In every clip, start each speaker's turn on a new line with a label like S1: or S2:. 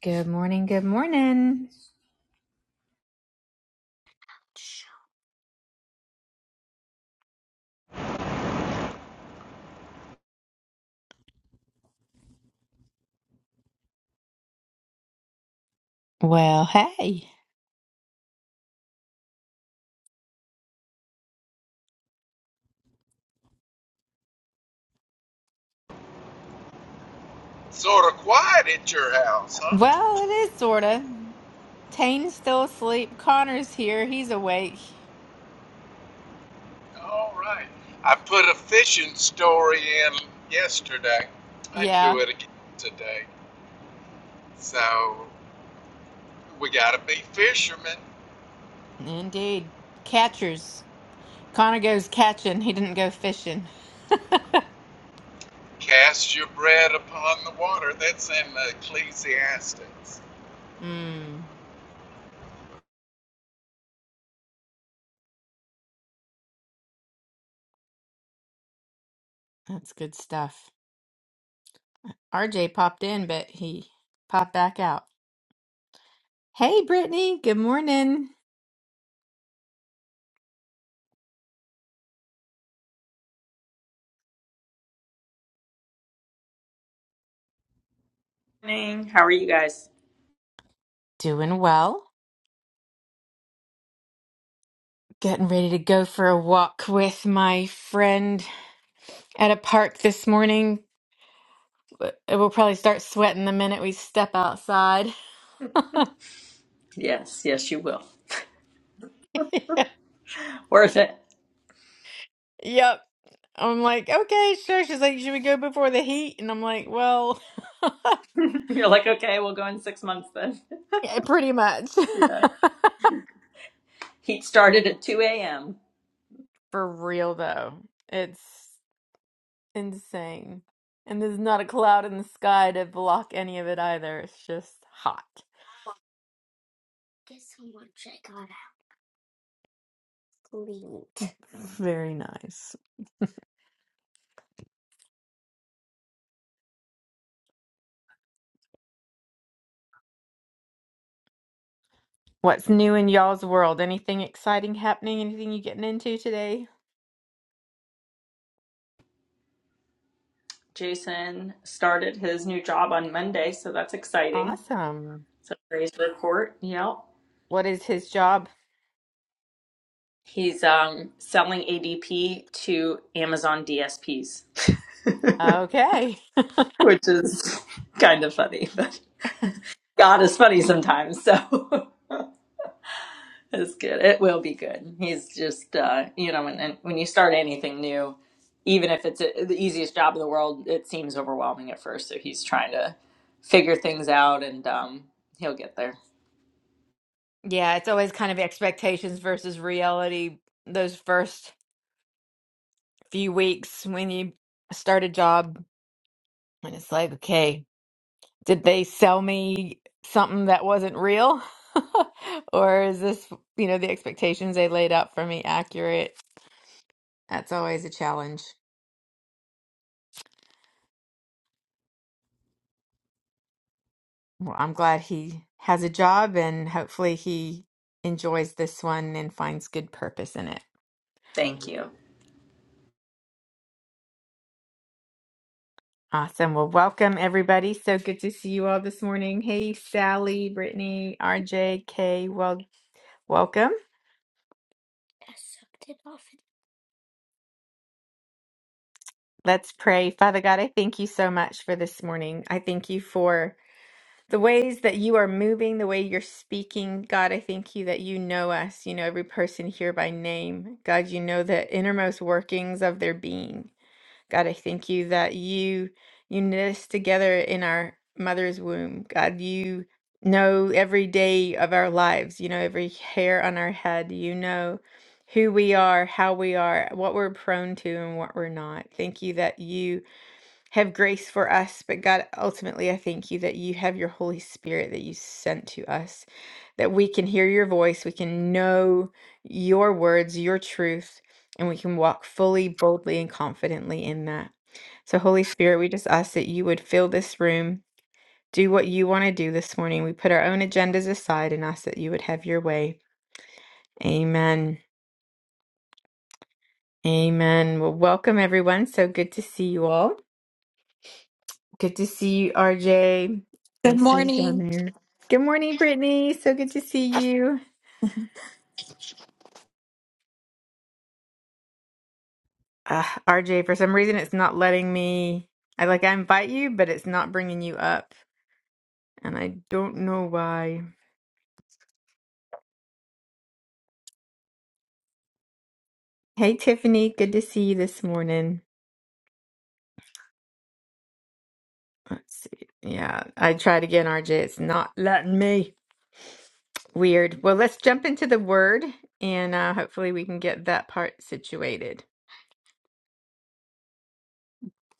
S1: Good morning. Good morning. Well, hey.
S2: Sort of quiet at your house, huh?
S1: Well, it is sorta. Tane's still asleep. Connor's here. He's awake.
S2: All right. I put a fishing story in yesterday. I can do
S1: Yeah,
S2: it again today. So we got to be fishermen.
S1: indeed. Catchers. Connor goes catching. He didn't go fishing.
S2: Cast your bread upon the water. That's in Ecclesiastes.
S1: Mmm, that's good stuff. RJ popped in, but he popped back out. Hey, Brittany. Good morning.
S3: morning. How are you guys?
S1: Doing well. Getting ready to go for a walk with my friend at a park this morning But it will probably start sweating the minute we step outside.
S3: Yes, yes, you will. Worth it.
S1: Yep. I'm like, okay, sure. She's like, should we go before the heat? And I'm like, well,
S3: You're like, okay, we'll go in six months then.
S1: yeah, pretty much.
S3: yeah. Heat started at 2 a.m.
S1: For real though, it's insane. And there's not a cloud in the sky to block any of it either. It's just hot. Very nice. What's new in y'all's world? Anything exciting happening? Anything you getting into today?
S3: Jason started his new job on Monday, so that's exciting.
S1: Awesome.
S3: So praise report. Yep.
S1: What is his job?
S3: He's um, selling ADP to Amazon DSPs,
S1: Okay.
S3: which is kind of funny, but God is funny sometimes. So It's good. It will be good. He's just, uh, you know, and, and when you start anything new, even if it's a, the easiest job in the world, it seems overwhelming at first. So he's trying to figure things out, and um, he'll get there.
S1: Yeah, it's always kind of expectations versus reality those first few weeks when you start a job. And it's like, okay, did they sell me something that wasn't real? Or is this, you know, the expectations they laid out for me accurate? That's always a challenge. Well, I'm glad he has a job and hopefully he enjoys this one and finds good purpose in it.
S3: Thank you.
S1: Awesome. Well, welcome everybody. So good to see you all this morning. Hey, Sally, Brittany, RJ, Kay, well, welcome. Let's pray. Father God, I thank you so much for this morning. I thank you for the ways that you are moving, the way you're speaking. God, I thank you that you know us. You know every person here by name. God, you know the innermost workings of their being. God, I thank you that you you knit us together in our mother's womb. God, you know every day of our lives. You know every hair on our head. You know who we are, how we are, what we're prone to and what we're not. Thank you that you have grace for us, but God, ultimately I thank you that you have your Holy Spirit that you sent to us, that we can hear your voice, we can know your words, your truth, and we can walk fully, boldly, and confidently in that. So, Holy Spirit, we just ask that you would fill this room, do what you want to do this morning. We put our own agendas aside and ask that you would have your way. Amen. Amen. Well, welcome everyone. So good to see you all. Good to see you, RJ. I
S4: Good
S1: see you down
S4: morning.
S1: there. Good morning, Brittany. So good to see you. Uh, RJ, for some reason, it's not letting me. I like I invite you, but it's not bringing you up, and I don't know why. Hey, Tiffany. Good to see you this morning. Let's see. Yeah, I tried again, RJ. It's not letting me. Weird. Well, let's jump into the word and uh, hopefully we can get that part situated.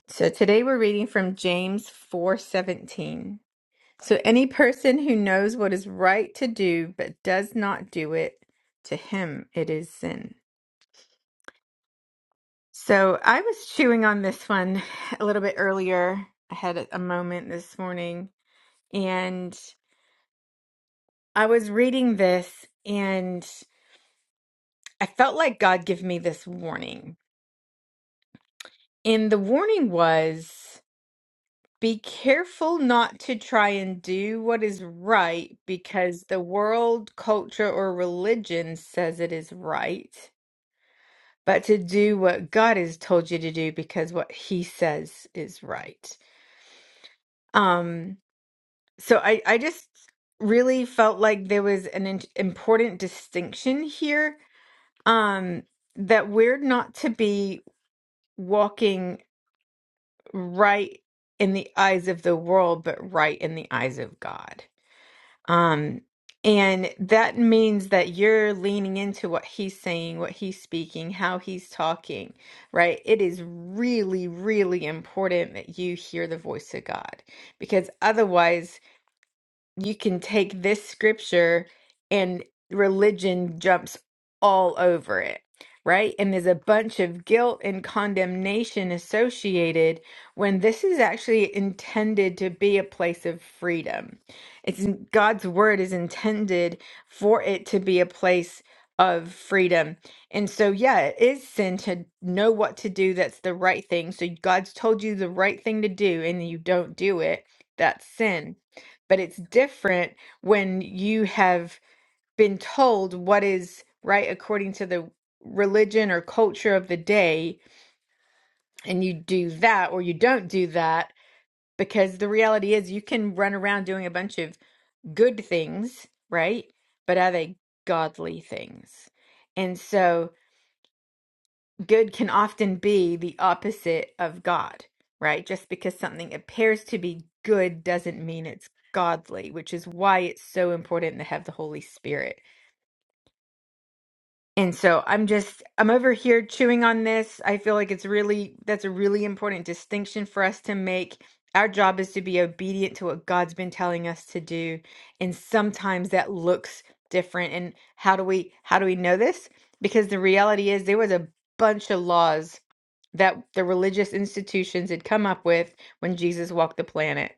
S1: So today we're reading from James 4:17. So any person who knows what is right to do but does not do it, to him it is sin. So I was chewing on this one a little bit earlier. I had a a moment this morning and I was reading this and I felt like God gave me this warning. And the warning was be careful not to try and do what is right because the world, culture, or religion says it is right, but to do what God has told you to do because what he says is right. Um, so I, I just really felt like there was an in- important distinction here um, that we're not to be walking. right in the eyes of the world, but right in the eyes of God. Um, and that means that you're leaning into what he's saying, what he's speaking, how he's talking, right? It is really, really important that you hear the voice of God because otherwise, you can take this scripture and religion jumps all over it, right? And there's a bunch of guilt and condemnation associated when this is actually intended to be a place of freedom. It's God's word is intended for it to be a place of freedom. And so yeah, it is sin to know what to do that's the right thing. So God's told you the right thing to do and you don't do it. That's sin but it's different when you have been told what is right according to the religion or culture of the day and you do that or you don't do that because the reality is you can run around doing a bunch of good things right but are they godly things and so good can often be the opposite of God, right? Just because something appears to be good doesn't mean it's godly, which is why it's so important to have the Holy Spirit and so I'm just, I'm over here chewing on this. I feel like it's really, that's a really important distinction for us to make. Our job is to be obedient to what God's been telling us to do. And sometimes that looks different. And how do we, how do we know this? Because the reality is there was a bunch of laws that the religious institutions had come up with when Jesus walked the planet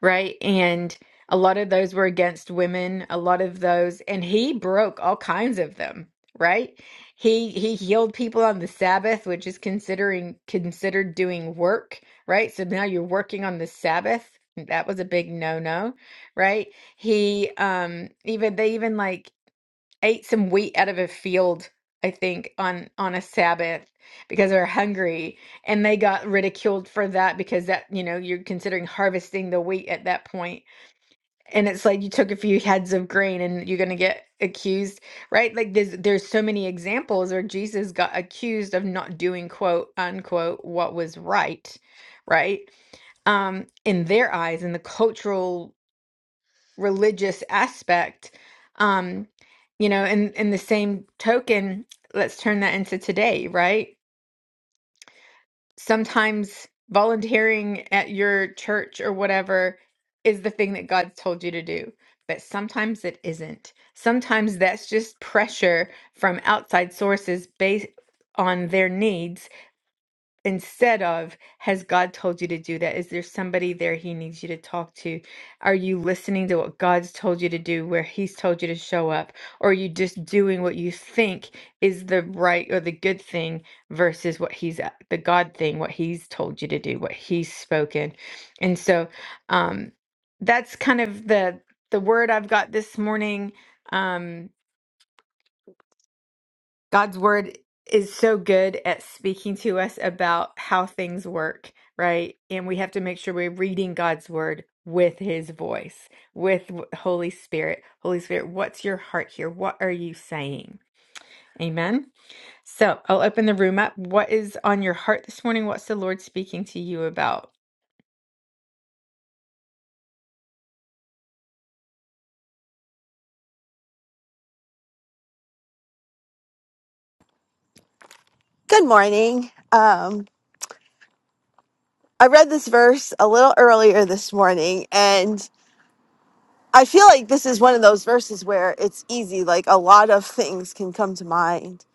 S1: right? And a lot of those were against women, a lot of those, and he broke all kinds of them, right? He he healed people on the Sabbath, which is considering considered doing work, right? So now you're working on the Sabbath. That was a big no-no, right? He um even they even like ate some wheat out of a field, I think, on on a Sabbath because they were hungry, and they got ridiculed for that because that, you know, you're considering harvesting the wheat at that point. And it's like you took a few heads of grain and you're going to get accused, right? Like there's there's so many examples where Jesus got accused of not doing quote unquote what was right, right? Um, in their eyes, in the cultural religious aspect. Um, you know, and in the same token, let's turn that into today, right? Sometimes volunteering at your church or whatever is the thing that God's told you to do, but sometimes it isn't. Sometimes that's just pressure from outside sources based on their needs instead of has God told you to do that? Is there somebody there he needs you to talk to? Are you listening to what God's told you to do, where he's told you to show up? Or are you just doing what you think is the right or the good thing versus what he's uh, the God thing, what he's told you to do, what he's spoken? And so um that's kind of the the word I've got this morning. Um God's word is so good at speaking to us about how things work, right? And we have to make sure we're reading God's word with his voice, with w- Holy Spirit. Holy Spirit, what's your heart here? What are you saying? Amen. So I'll open the room up. What is on your heart this morning? What's the Lord speaking to you about?
S5: Good morning. Um, I read this verse a little earlier this morning, and I feel like this is one of those verses where it's easy. Like a lot of things can come to mind.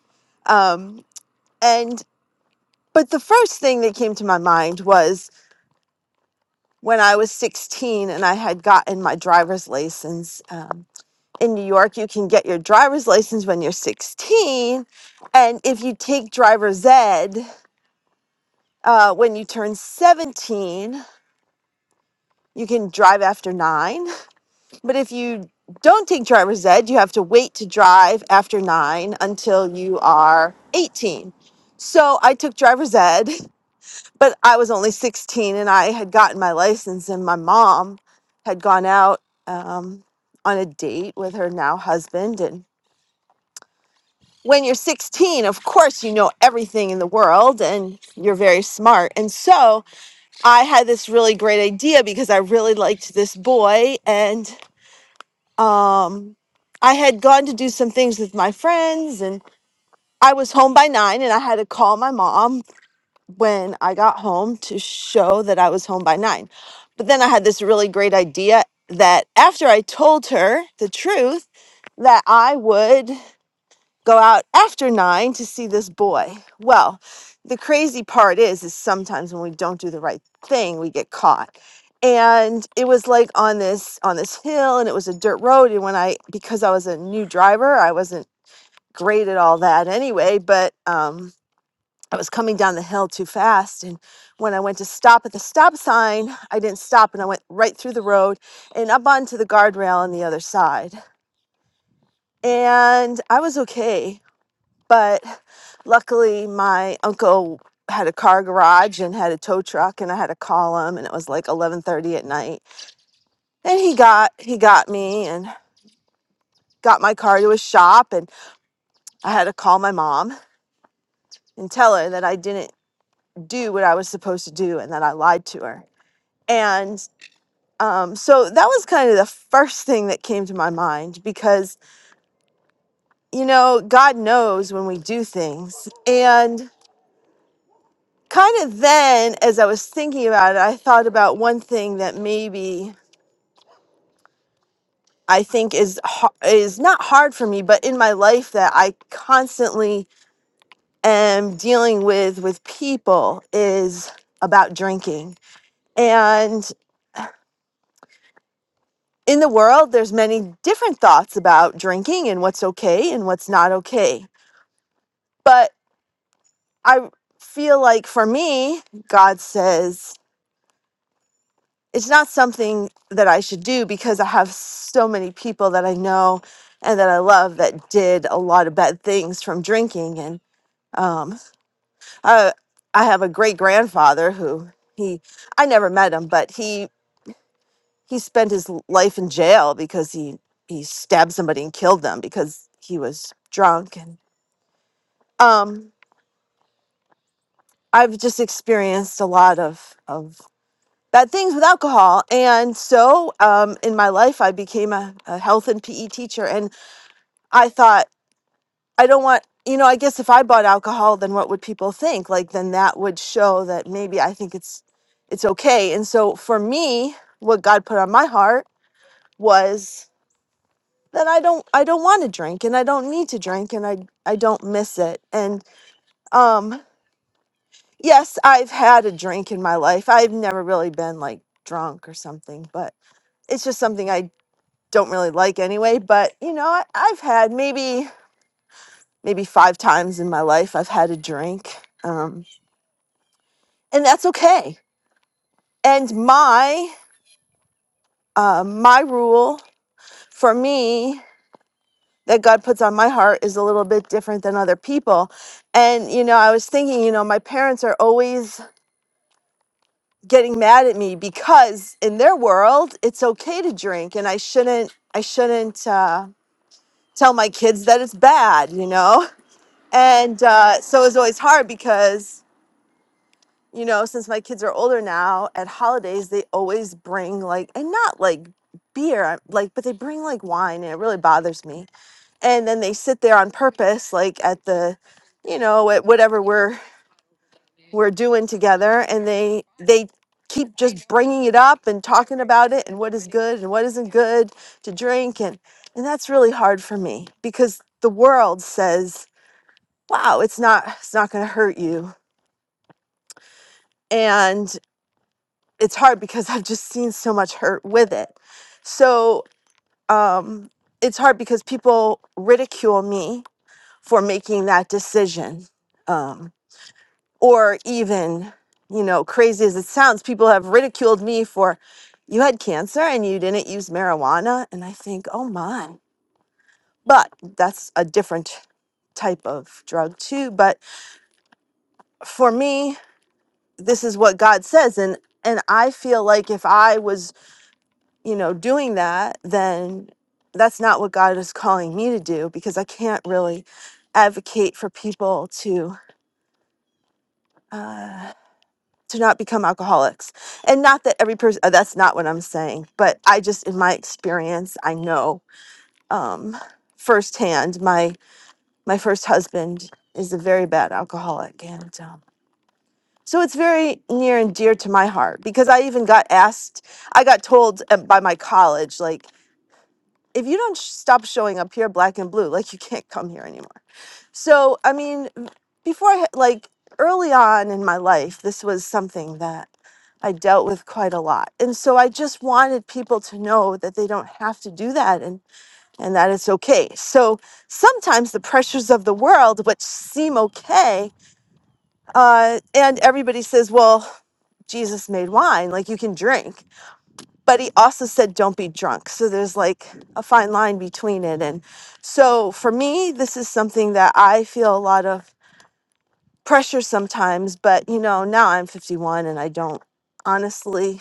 S5: Um, and but the first thing that came to my mind was when I was 16 and I had gotten my driver's license. Um, in New York, you can get your driver's license when you're 16, and if you take driver's ed uh, when you turn 17, you can drive after nine But if you don't take driver's ed, you have to wait to drive after nine until you are 18. So I took driver's ed, but I was only 16 and I had gotten my license, and my mom had gone out um, on a date with her now husband. And when you're 16, of course, you know everything in the world and you're very smart. And so I had this really great idea because I really liked this boy and um i had gone to do some things with my friends and i was home by nine and i had to call my mom when i got home to show that i was home by nine but then i had this really great idea that after i told her the truth that i would go out after nine to see this boy. Well, the crazy part is, is sometimes when we don't do the right thing, we get caught. And it was like on this on this hill, and it was a dirt road. And when I, because I was a new driver, I wasn't great at all that anyway. But um, I was coming down the hill too fast, and when I went to stop at the stop sign, I didn't stop, and I went right through the road and up onto the guardrail on the other side. And I was okay but luckily, my uncle had a car garage and had a tow truck, and I had to call him, and it was like eleven thirty at night. And he got he got me and got my car to his shop, and I had to call my mom and tell her that I didn't do what I was supposed to do and that I lied to her. And um, so that was kind of the first thing that came to my mind because you know God knows when we do things, and kind of then, as I was thinking about it, I thought about one thing that maybe I think is har- is not hard for me, but in my life that I constantly am dealing with with people is about drinking. And in the world, there's many different thoughts about drinking and what's okay and what's not okay. But I feel like for me, God says. it's not something that I should do because I have so many people that I know and that I love that did a lot of bad things from drinking. And um, I, I have a great grandfather who he, I never met him, but he, he spent his l- life in jail because he, he stabbed somebody and killed them because he was drunk. And um, I've just experienced a lot of, of bad things with alcohol. And so um, in my life, I became a, a health and PE teacher. And I thought, I don't want, you know, I guess if I bought alcohol, then what would people think? Like, then that would show that maybe I think it's it's okay. And so for me, what God put on my heart was that I don't I don't want to drink and I don't need to drink and I I don't miss it. And um yes, I've had a drink in my life. I've never really been like drunk or something, but it's just something I don't really like anyway. But you know, I, I've had maybe maybe five times in my life I've had a drink, um, and that's okay. And my uh, my rule for me that God puts on my heart is a little bit different than other people. And you know, I was thinking, you know, my parents are always getting mad at me because in their world it's okay to drink, and I shouldn't I shouldn't uh, tell my kids that it's bad, you know. And uh, so it's always hard because, you know, since my kids are older now, at holidays, they always bring like, and not like beer, I- like, but they bring like wine and it really bothers me. And then they sit there on purpose, like at the, you know, at whatever we're, we're doing together and they, they, keep just bringing it up and talking about it and what is good and what isn't good to drink and and that's really hard for me because the world says wow it's not it's not going to hurt you and it's hard because I've just seen so much hurt with it. So um, it's hard because people ridicule me for making that decision, um, or even, you know, crazy as it sounds, people have ridiculed me for you had cancer and you didn't use marijuana, and I think, oh my, but that's a different type of drug too. But for me, this is what God says, and and I feel like if I was you know, doing that, then that's not what God is calling me to do because I can't really advocate for people to uh, to not become alcoholics. And not that every person that's not what I'm saying, but I just in my experience, I know um, firsthand. My my first husband is a very bad alcoholic, and um, so it's very near and dear to my heart because I even got asked, I got told uh, by my college like if you don't sh- stop showing up here black and blue like you can't come here anymore so i mean before i had- like early on in my life this was something that i dealt with quite a lot and so i just wanted people to know that they don't have to do that and and that it's okay so sometimes the pressures of the world which seem okay uh, and everybody says well jesus made wine like you can drink but he also said don't be drunk so there's like a fine line between it and so for me this is something that i feel a lot of pressure sometimes but you know now i'm 51 and i don't honestly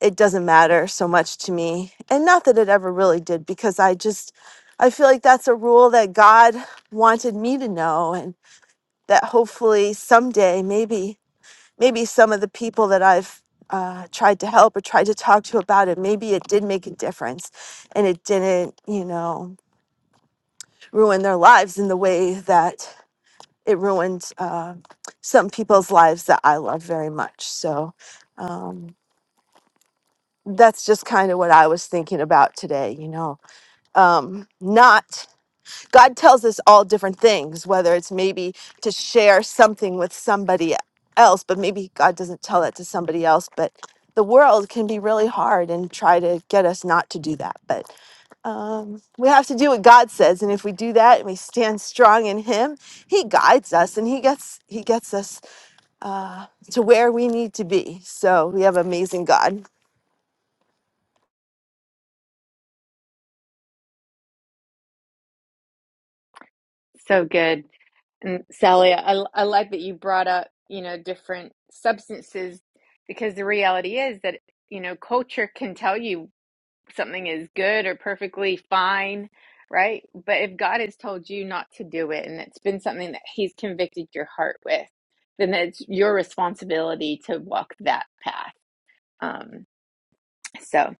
S5: it doesn't matter so much to me and not that it ever really did because i just i feel like that's a rule that god wanted me to know and that hopefully someday maybe maybe some of the people that I've uh, tried to help or tried to talk to about it, maybe it did make a difference and it didn't, you know, ruin their lives in the way that it ruined uh, some people's lives that I love very much. So um, that's just kind of what I was thinking about today, you know, um, not God tells us all different things, whether it's maybe to share something with somebody else, but maybe God doesn't tell that to somebody else. But the world can be really hard and try to get us not to do that. But um, we have to do what God says, and if we do that and we stand strong in Him, He guides us and He gets He gets us uh, to where we need to be. So we have an amazing God.
S1: So good. And Sally, I, I like that you brought up, you know, different substances because the reality is that, you know, culture can tell you. something is good or perfectly fine, right? But if God has told you not to do it and it's been something that He's convicted your heart with, then it's your responsibility to walk that path. Um, so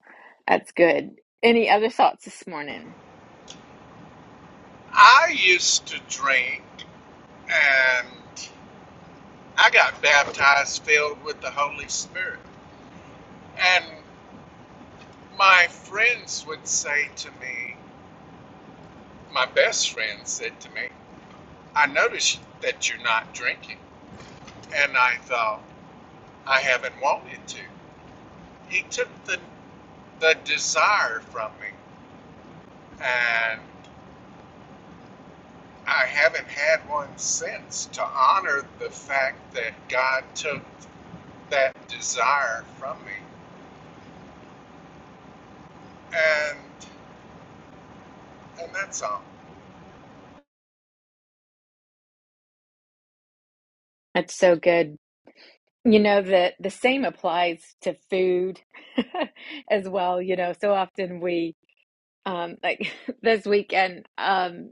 S1: that's good. Any other thoughts this morning?
S2: I used to drink and I got baptized filled with the Holy Spirit. And my friends would say to me, my best friend said to me, I noticed that you're not drinking, and I thought I haven't wanted to. He took the the desire from me, and I haven't had one since to honor the fact that God took that desire from me, and and that's all.
S1: That's so good. You know, the, the same applies to food as well. You know, so often we, um, like this weekend. Um,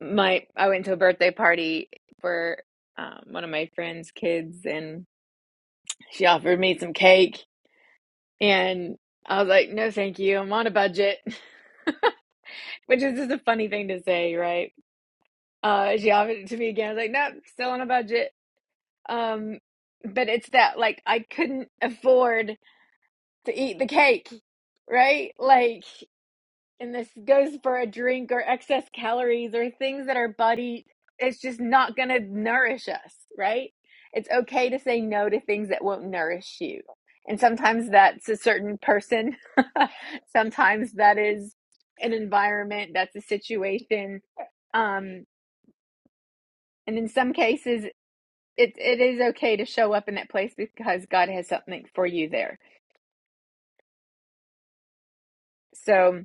S1: my I went to a birthday party for um, one of my friend's kids, and she offered me some cake, and I was like, "No, thank you. I'm on a budget," which is just a funny thing to say, right? Uh, she offered it to me again. I was like, "No, nope, still on a budget." Um, but it's that like I couldn't afford to eat the cake, right? Like and this goes for a drink or excess calories or things that our body it's just not going to nourish us right it's okay to say no to things that won't nourish you and sometimes that's a certain person sometimes that is an environment that's a situation um and in some cases it it is okay to show up in that place because god has something for you there so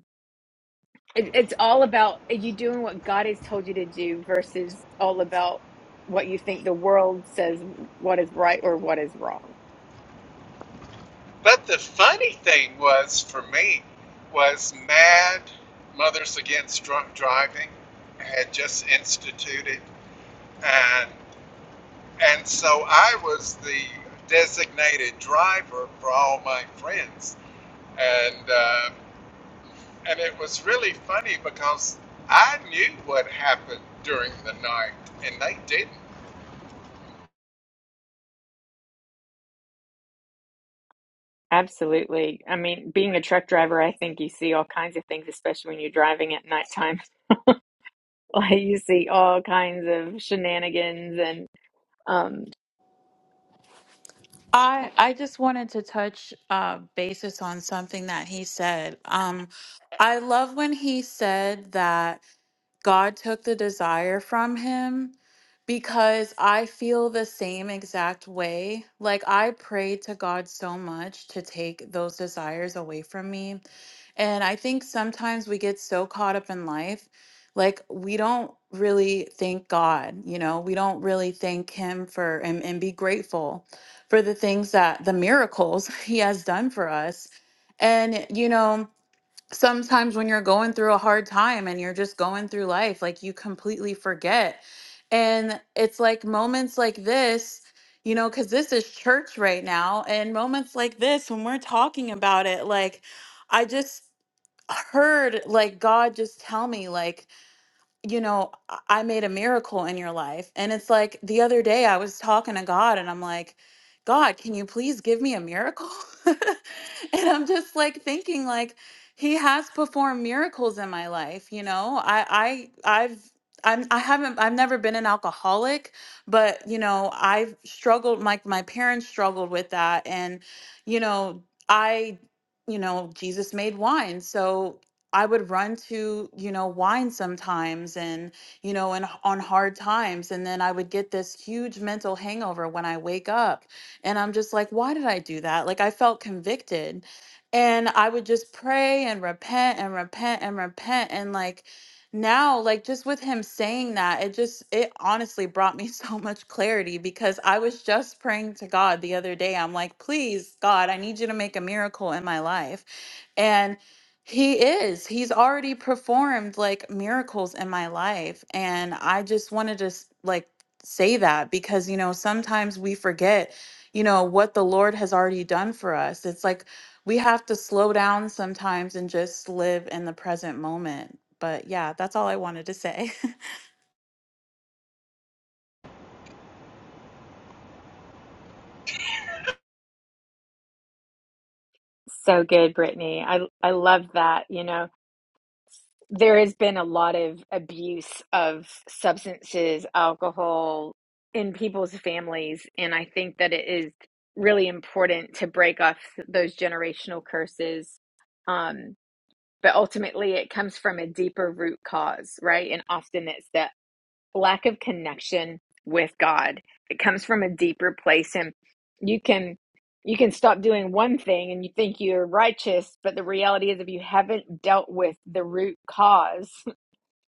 S1: It, it's all about are you doing what God has told you to do versus all about what you think the world says what is right or what is wrong.
S2: But the funny thing was for me was Mad Mothers Against Drunk Driving had just instituted, and And so I was the designated driver for all my friends. And, uh, and it was really funny because I knew what happened during the night and they didn't.
S1: Absolutely. I mean, being a truck driver, I think you see all kinds of things, especially when you're driving at nighttime. Like you see all kinds of shenanigans and um
S4: I I just wanted to touch uh, basis on something that he said. Um, I love when he said that God took the desire from him because I feel the same exact way. Like I prayed to God so much to take those desires away from me And I think sometimes we get so caught up in life, like we don't really thank God, you know, we don't really thank Him for and, and be grateful for the things that the miracles He has done for us. And, you know, sometimes when you're going through a hard time and you're just going through life, like you completely forget. And it's like moments like this. You know, because this is church right now, and moments like this, when we're talking about it, like I just heard like God just tell me like, you know, I I made a miracle in your life. And it's like the other day I was talking to God and I'm like, God, can you please give me a miracle? and I'm just like thinking like he has performed miracles in my life, you know? I I I've I'm, I haven't, I've never been an alcoholic, but you know, I've struggled, like my parents struggled with that. And, you know, I you know jesus made wine so I would run to, you know, wine sometimes and, you know, and h- on hard times. And then I would get this huge mental hangover when I wake up. And I'm just like, why did I do that? Like I felt convicted. And I would just pray and repent and repent and repent. And like now, like just with him saying that, it just, it honestly brought me so much clarity because I was just praying to God the other day. I'm like, please, God, I need you to make a miracle in my life he is. He's already performed like miracles in my life. And I just wanted to s- like say that because, you know, sometimes we forget, you know, what the Lord has already done for us. It's like we have to slow down sometimes and just live in the present moment. But yeah, that's all I wanted to say.
S1: so good, Brittany. I I love that, you know. there has been a lot of abuse of substances, alcohol in people's families. And I think that it is really important to break off those generational curses. Um, but ultimately, it comes from a deeper root cause, right? And often it's that lack of connection with God. It comes from a deeper place. And you can. You can stop doing one thing and you think you're righteous, but the reality is, if you haven't dealt with the root cause,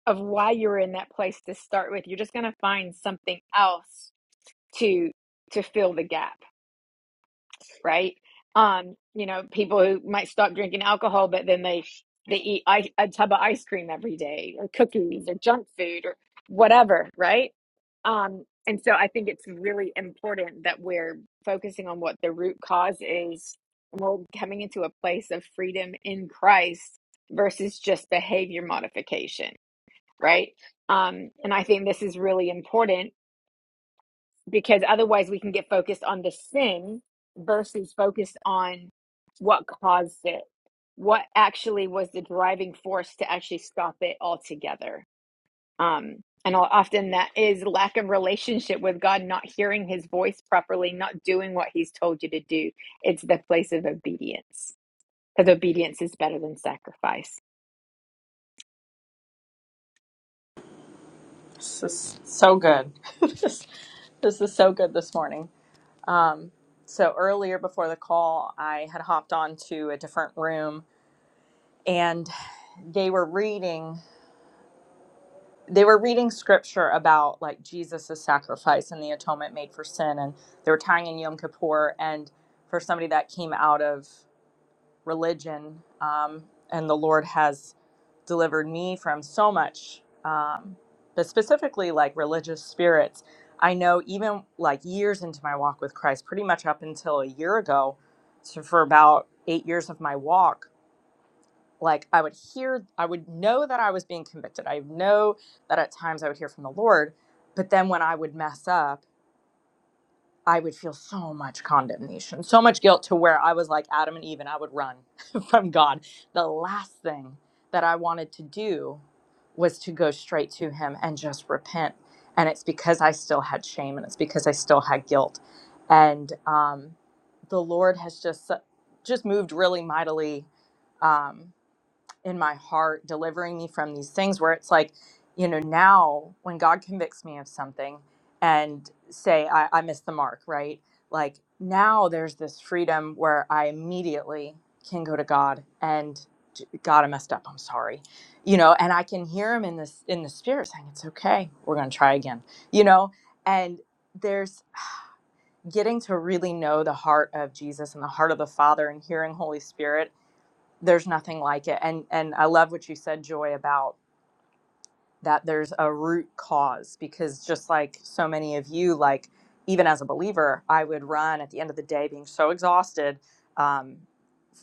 S1: of why you're in that place to start with you're just going to find something else to to fill the gap right um you know people who might stop drinking alcohol but then they they eat ice, a tub of ice cream every day or cookies or junk food or whatever right um and so i think it's really important that we're focusing on what the root cause is and we're coming into a place of freedom in christ versus just behavior modification right? Um, and I think this is really important because otherwise we can get focused on the sin versus focused on what caused it, what actually was the driving force to actually stop it altogether. Um, and often that is lack of relationship with God, not hearing his voice properly, not doing what he's told you to do. It's the place of obedience because obedience is better than sacrifice.
S3: This is so good. this, this is so good this morning. Um, so earlier before the call, I had hopped on to a different room, and they were reading. they were reading scripture about like Jesus's sacrifice and the atonement made for sin, and they were tying in Yom Kippur. And for somebody that came out of religion, um, and the Lord has delivered me from so much, um, but specifically like religious spirits. I know even like years into my walk with Christ, pretty much up until a year ago, so for about eight years of my walk, like I would hear, I would know that I was being convicted. I know that at times I would hear from the Lord, but then when I would mess up, I would feel so much condemnation, so much guilt to where I was like Adam and Eve and I would run from God. The last thing that I wanted to do was to go straight to Him and just repent. And it's because I still had shame and it's because I still had guilt. And um, the Lord has just, just moved really mightily. Um, in my heart delivering me from these things where it's like you know now when god convicts me of something and say i, I missed the mark right like now there's this freedom where i immediately can go to god and j- god i messed up i'm sorry you know and i can hear him in this in the spirit saying it's okay we're going to try again you know and there's getting to really know the heart of jesus and the heart of the father and hearing holy spirit there's nothing like it and and i love what you said joy about that there's a root cause because just like so many of you like even as a believer i would run at the end of the day being so exhausted um,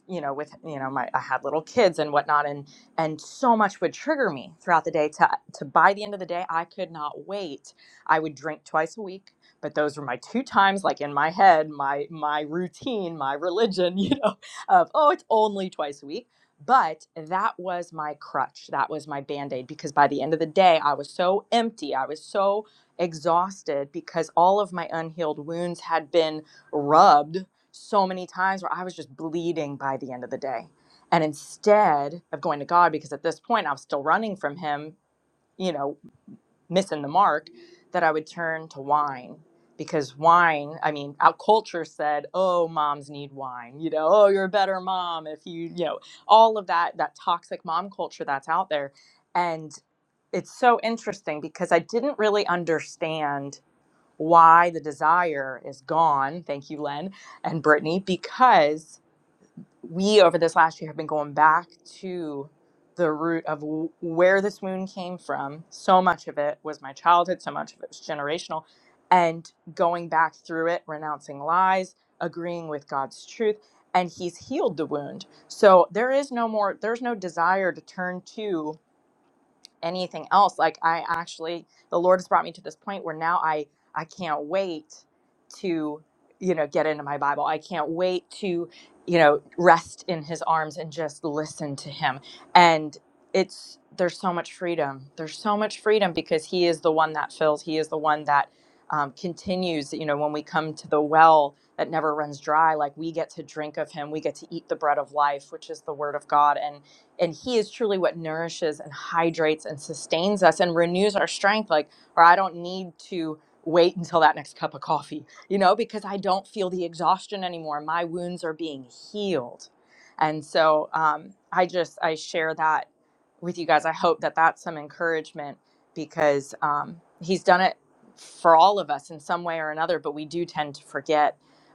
S3: you know with you know my i had little kids and whatnot and and so much would trigger me throughout the day to to by the end of the day i could not wait i would drink twice a week but those were my two times like in my head my my routine my religion you know of oh it's only twice a week but that was my crutch that was my band-aid because by the end of the day i was so empty i was so exhausted because all of my unhealed wounds had been rubbed so many times where I was just bleeding by the end of the day. And instead of going to God, because at this point I was still running from Him, you know, missing the mark, that I would turn to wine. Because wine, I mean, our culture said, oh, moms need wine, you know, oh, you're a better mom if you, you know, all of that, that toxic mom culture that's out there. And it's so interesting because I didn't really understand why the desire is gone. Thank you, Len and Brittany, because we over this last year have been going back to the root of w- where this wound came from. So much of it was my childhood, so much of it was generational. And going back through it, renouncing lies, agreeing with God's truth, and He's healed the wound. So there is no more, there's no desire to turn to anything else like i actually the lord has brought me to this point where now i i can't wait to you know get into my bible i can't wait to you know rest in his arms and just listen to him and it's there's so much freedom there's so much freedom because he is the one that fills he is the one that um, continues you know when we come to the well that never runs dry like we get to drink of him we get to eat the bread of life which is the word of god and he is truly what nourishes and hydrates and sustains us and renews our strength like or i don't need to wait until that next cup of coffee you know because i don't feel the exhaustion anymore my wounds are being healed and so um, i just i share that with you guys i hope that that's some encouragement because um, he's done it for all of us in some way or another but we do tend to forget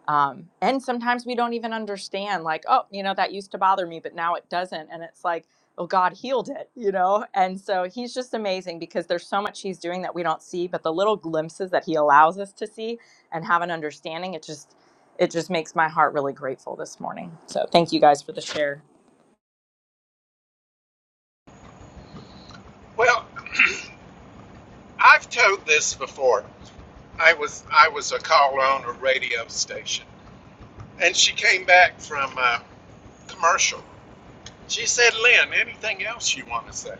S3: um, and sometimes we don't even understand like oh you know that used to bother me but now it doesn't and it's like oh god healed it you know and so he's just amazing because there's so much he's doing that we don't see but the little glimpses that he allows us to see and have an understanding it just it just makes my heart really grateful this morning so thank you guys for the share
S2: Well, I've told this before. I was, I was a caller on a radio station and she came back from a commercial. She said, Lynn, anything else you want to say?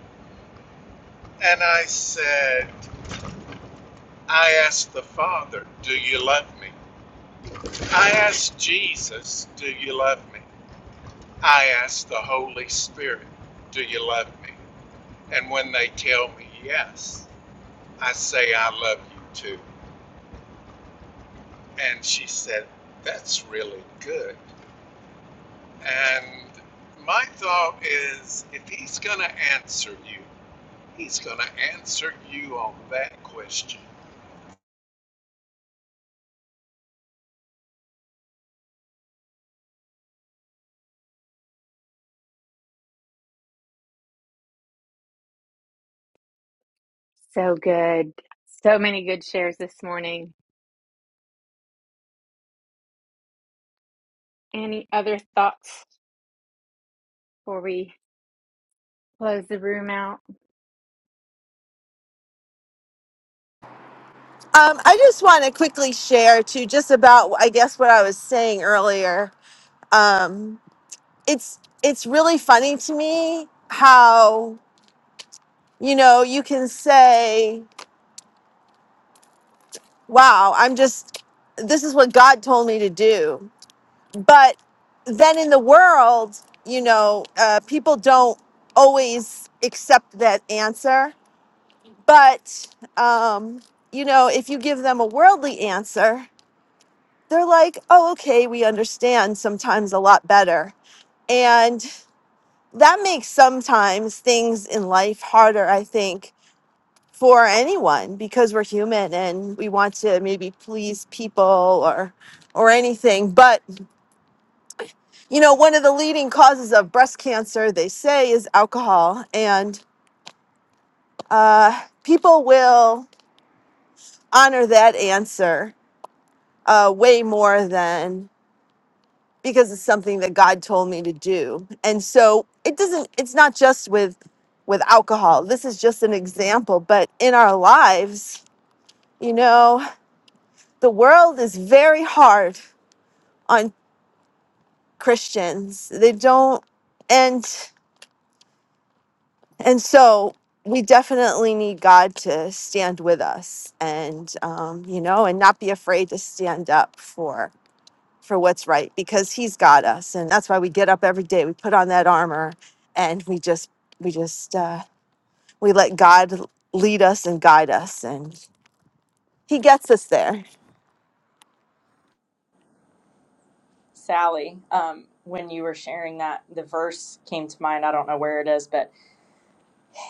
S2: And I said, I asked the Father, Do you love me? I asked Jesus, Do you love me? I asked the Holy Spirit, Do you love me? And when they tell me yes, I say, I love you too. And she said, That's really good. And my thought is, if he's going to answer you, he's going to answer you on that question.
S1: So good. So many good shares this morning. Any other thoughts before we close the room out?
S5: Um, I just want to quickly share too, just about I guess what I was saying earlier. Um, it's it's really funny to me how you know you can say wow i'm just this is what god told me to do but then in the world you know uh, people don't always accept that answer but um, you know if you give them a worldly answer they're like oh okay we understand sometimes a lot better and that makes sometimes things in life harder i think for anyone because we're human and we want to maybe please people or or anything but you know one of the leading causes of breast cancer they say is alcohol and uh, people will honor that answer uh, way more than because it's something that god told me to do and so it doesn't it's not just with with alcohol this is just an example but in our lives you know the world is very hard on Christians. They don't and and so we definitely need God to stand with us and um, you know and not be afraid to stand up for for what's right because he's got us and that's why we get up every day we put on that armor and we just we just uh, we let God lead us and guide us and he gets us there.
S3: sally um, when you were sharing that the verse came to mind i don't know where it is but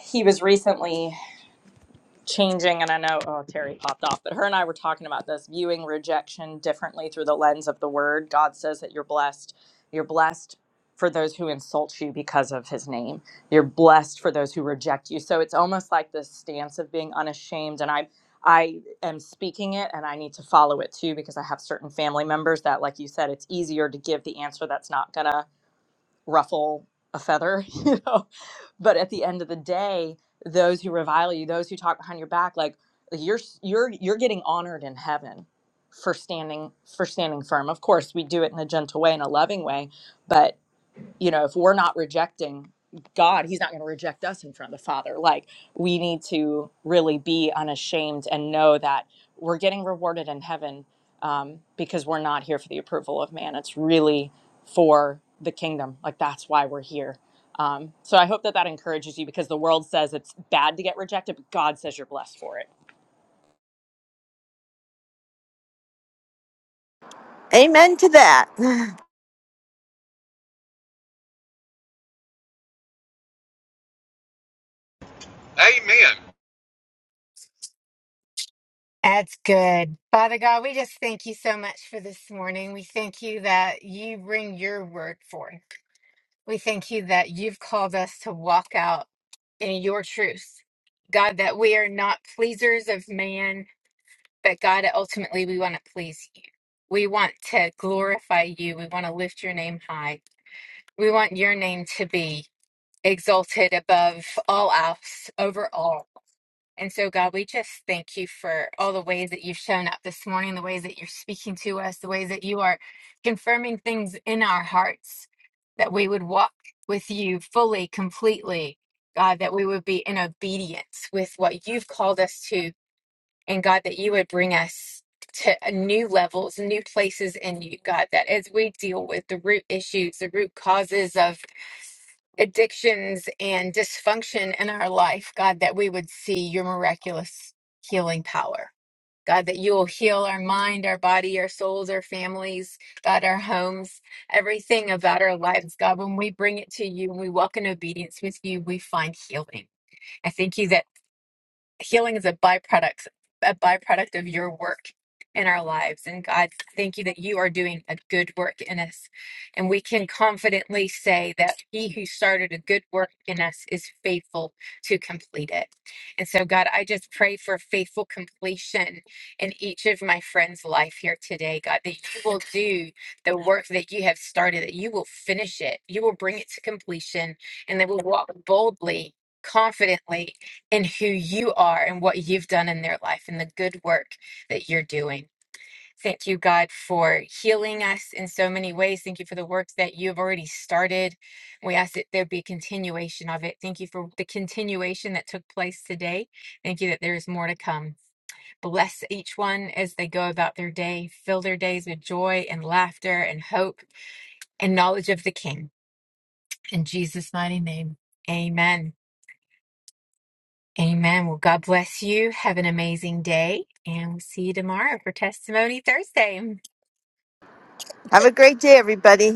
S3: he was recently changing and i know oh terry popped off but her and i were talking about this viewing rejection differently through the lens of the word god says that you're blessed you're blessed for those who insult you because of his name you're blessed for those who reject you so it's almost like this stance of being unashamed and i i am speaking it and i need to follow it too because i have certain family members that like you said it's easier to give the answer that's not gonna ruffle a feather, you know. But at the end of the day, those who revile you, those who talk behind your back, like like, you're you're you're getting honored in heaven for standing for standing firm. Of course, we do it in a gentle way, in a loving way, but you know, if we're not rejecting God, He's not going to reject us in front of the Father. Like, we need to really be unashamed and know that we're getting rewarded in heaven um, because we're not here for the approval of man. It's really for the kingdom. Like, that's why we're here. Um, so I hope that that encourages you because the world says it's bad to get rejected, but God says you're blessed for it.
S5: Amen to that.
S2: Amen.
S1: That's good. Father God, we just thank you so much for this morning. We thank you that you bring your word forth. We thank you that you've called us to walk out in your truth. God, that we are not pleasers of man, but God, ultimately we want to please you. We want to glorify you. We want to lift your name high. We want your name to be exalted above all else, over all. And so, God, we just thank you for all the ways that you've shown up this morning, the ways that you're speaking to us, the ways that you are confirming things in our hearts, that we would walk with you fully, completely, God, that we would be in obedience with what you've called us to and God, that you would bring us to new levels, new places in you, God, that as we deal with the root issues, the root causes of addictions and dysfunction in our life, God, that we would see your miraculous healing power. God, that you will heal our mind, our body, our souls, our families, God, our homes, everything about our lives. God, when we bring it to you, when we walk in obedience with you, we find healing. I thank you that healing is a byproduct a byproduct of your work in our lives and god thank you that you are doing a good work in us and we can confidently say that started a good work in us is faithful to complete it and so god i just pray for faithful completion in each of my friends life today god that you will do the work started that you will finish it bring it to completion and they will walk boldly confidently in who you are done in their life and the work that you're doing Thank you, God, for healing us in so many ways. Thank you for the works that you have already started. We ask that there be continuation of it. Thank you for the continuation that took place today. Thank you that there is more to come. Bless each one as they go about their day. Fill their days with joy and laughter and hope and knowledge of the King. In Jesus' mighty name, amen. Amen. Well, God bless you. Have an amazing day, and we'll see you tomorrow for Testimony Thursday.
S5: Have a great day everybody.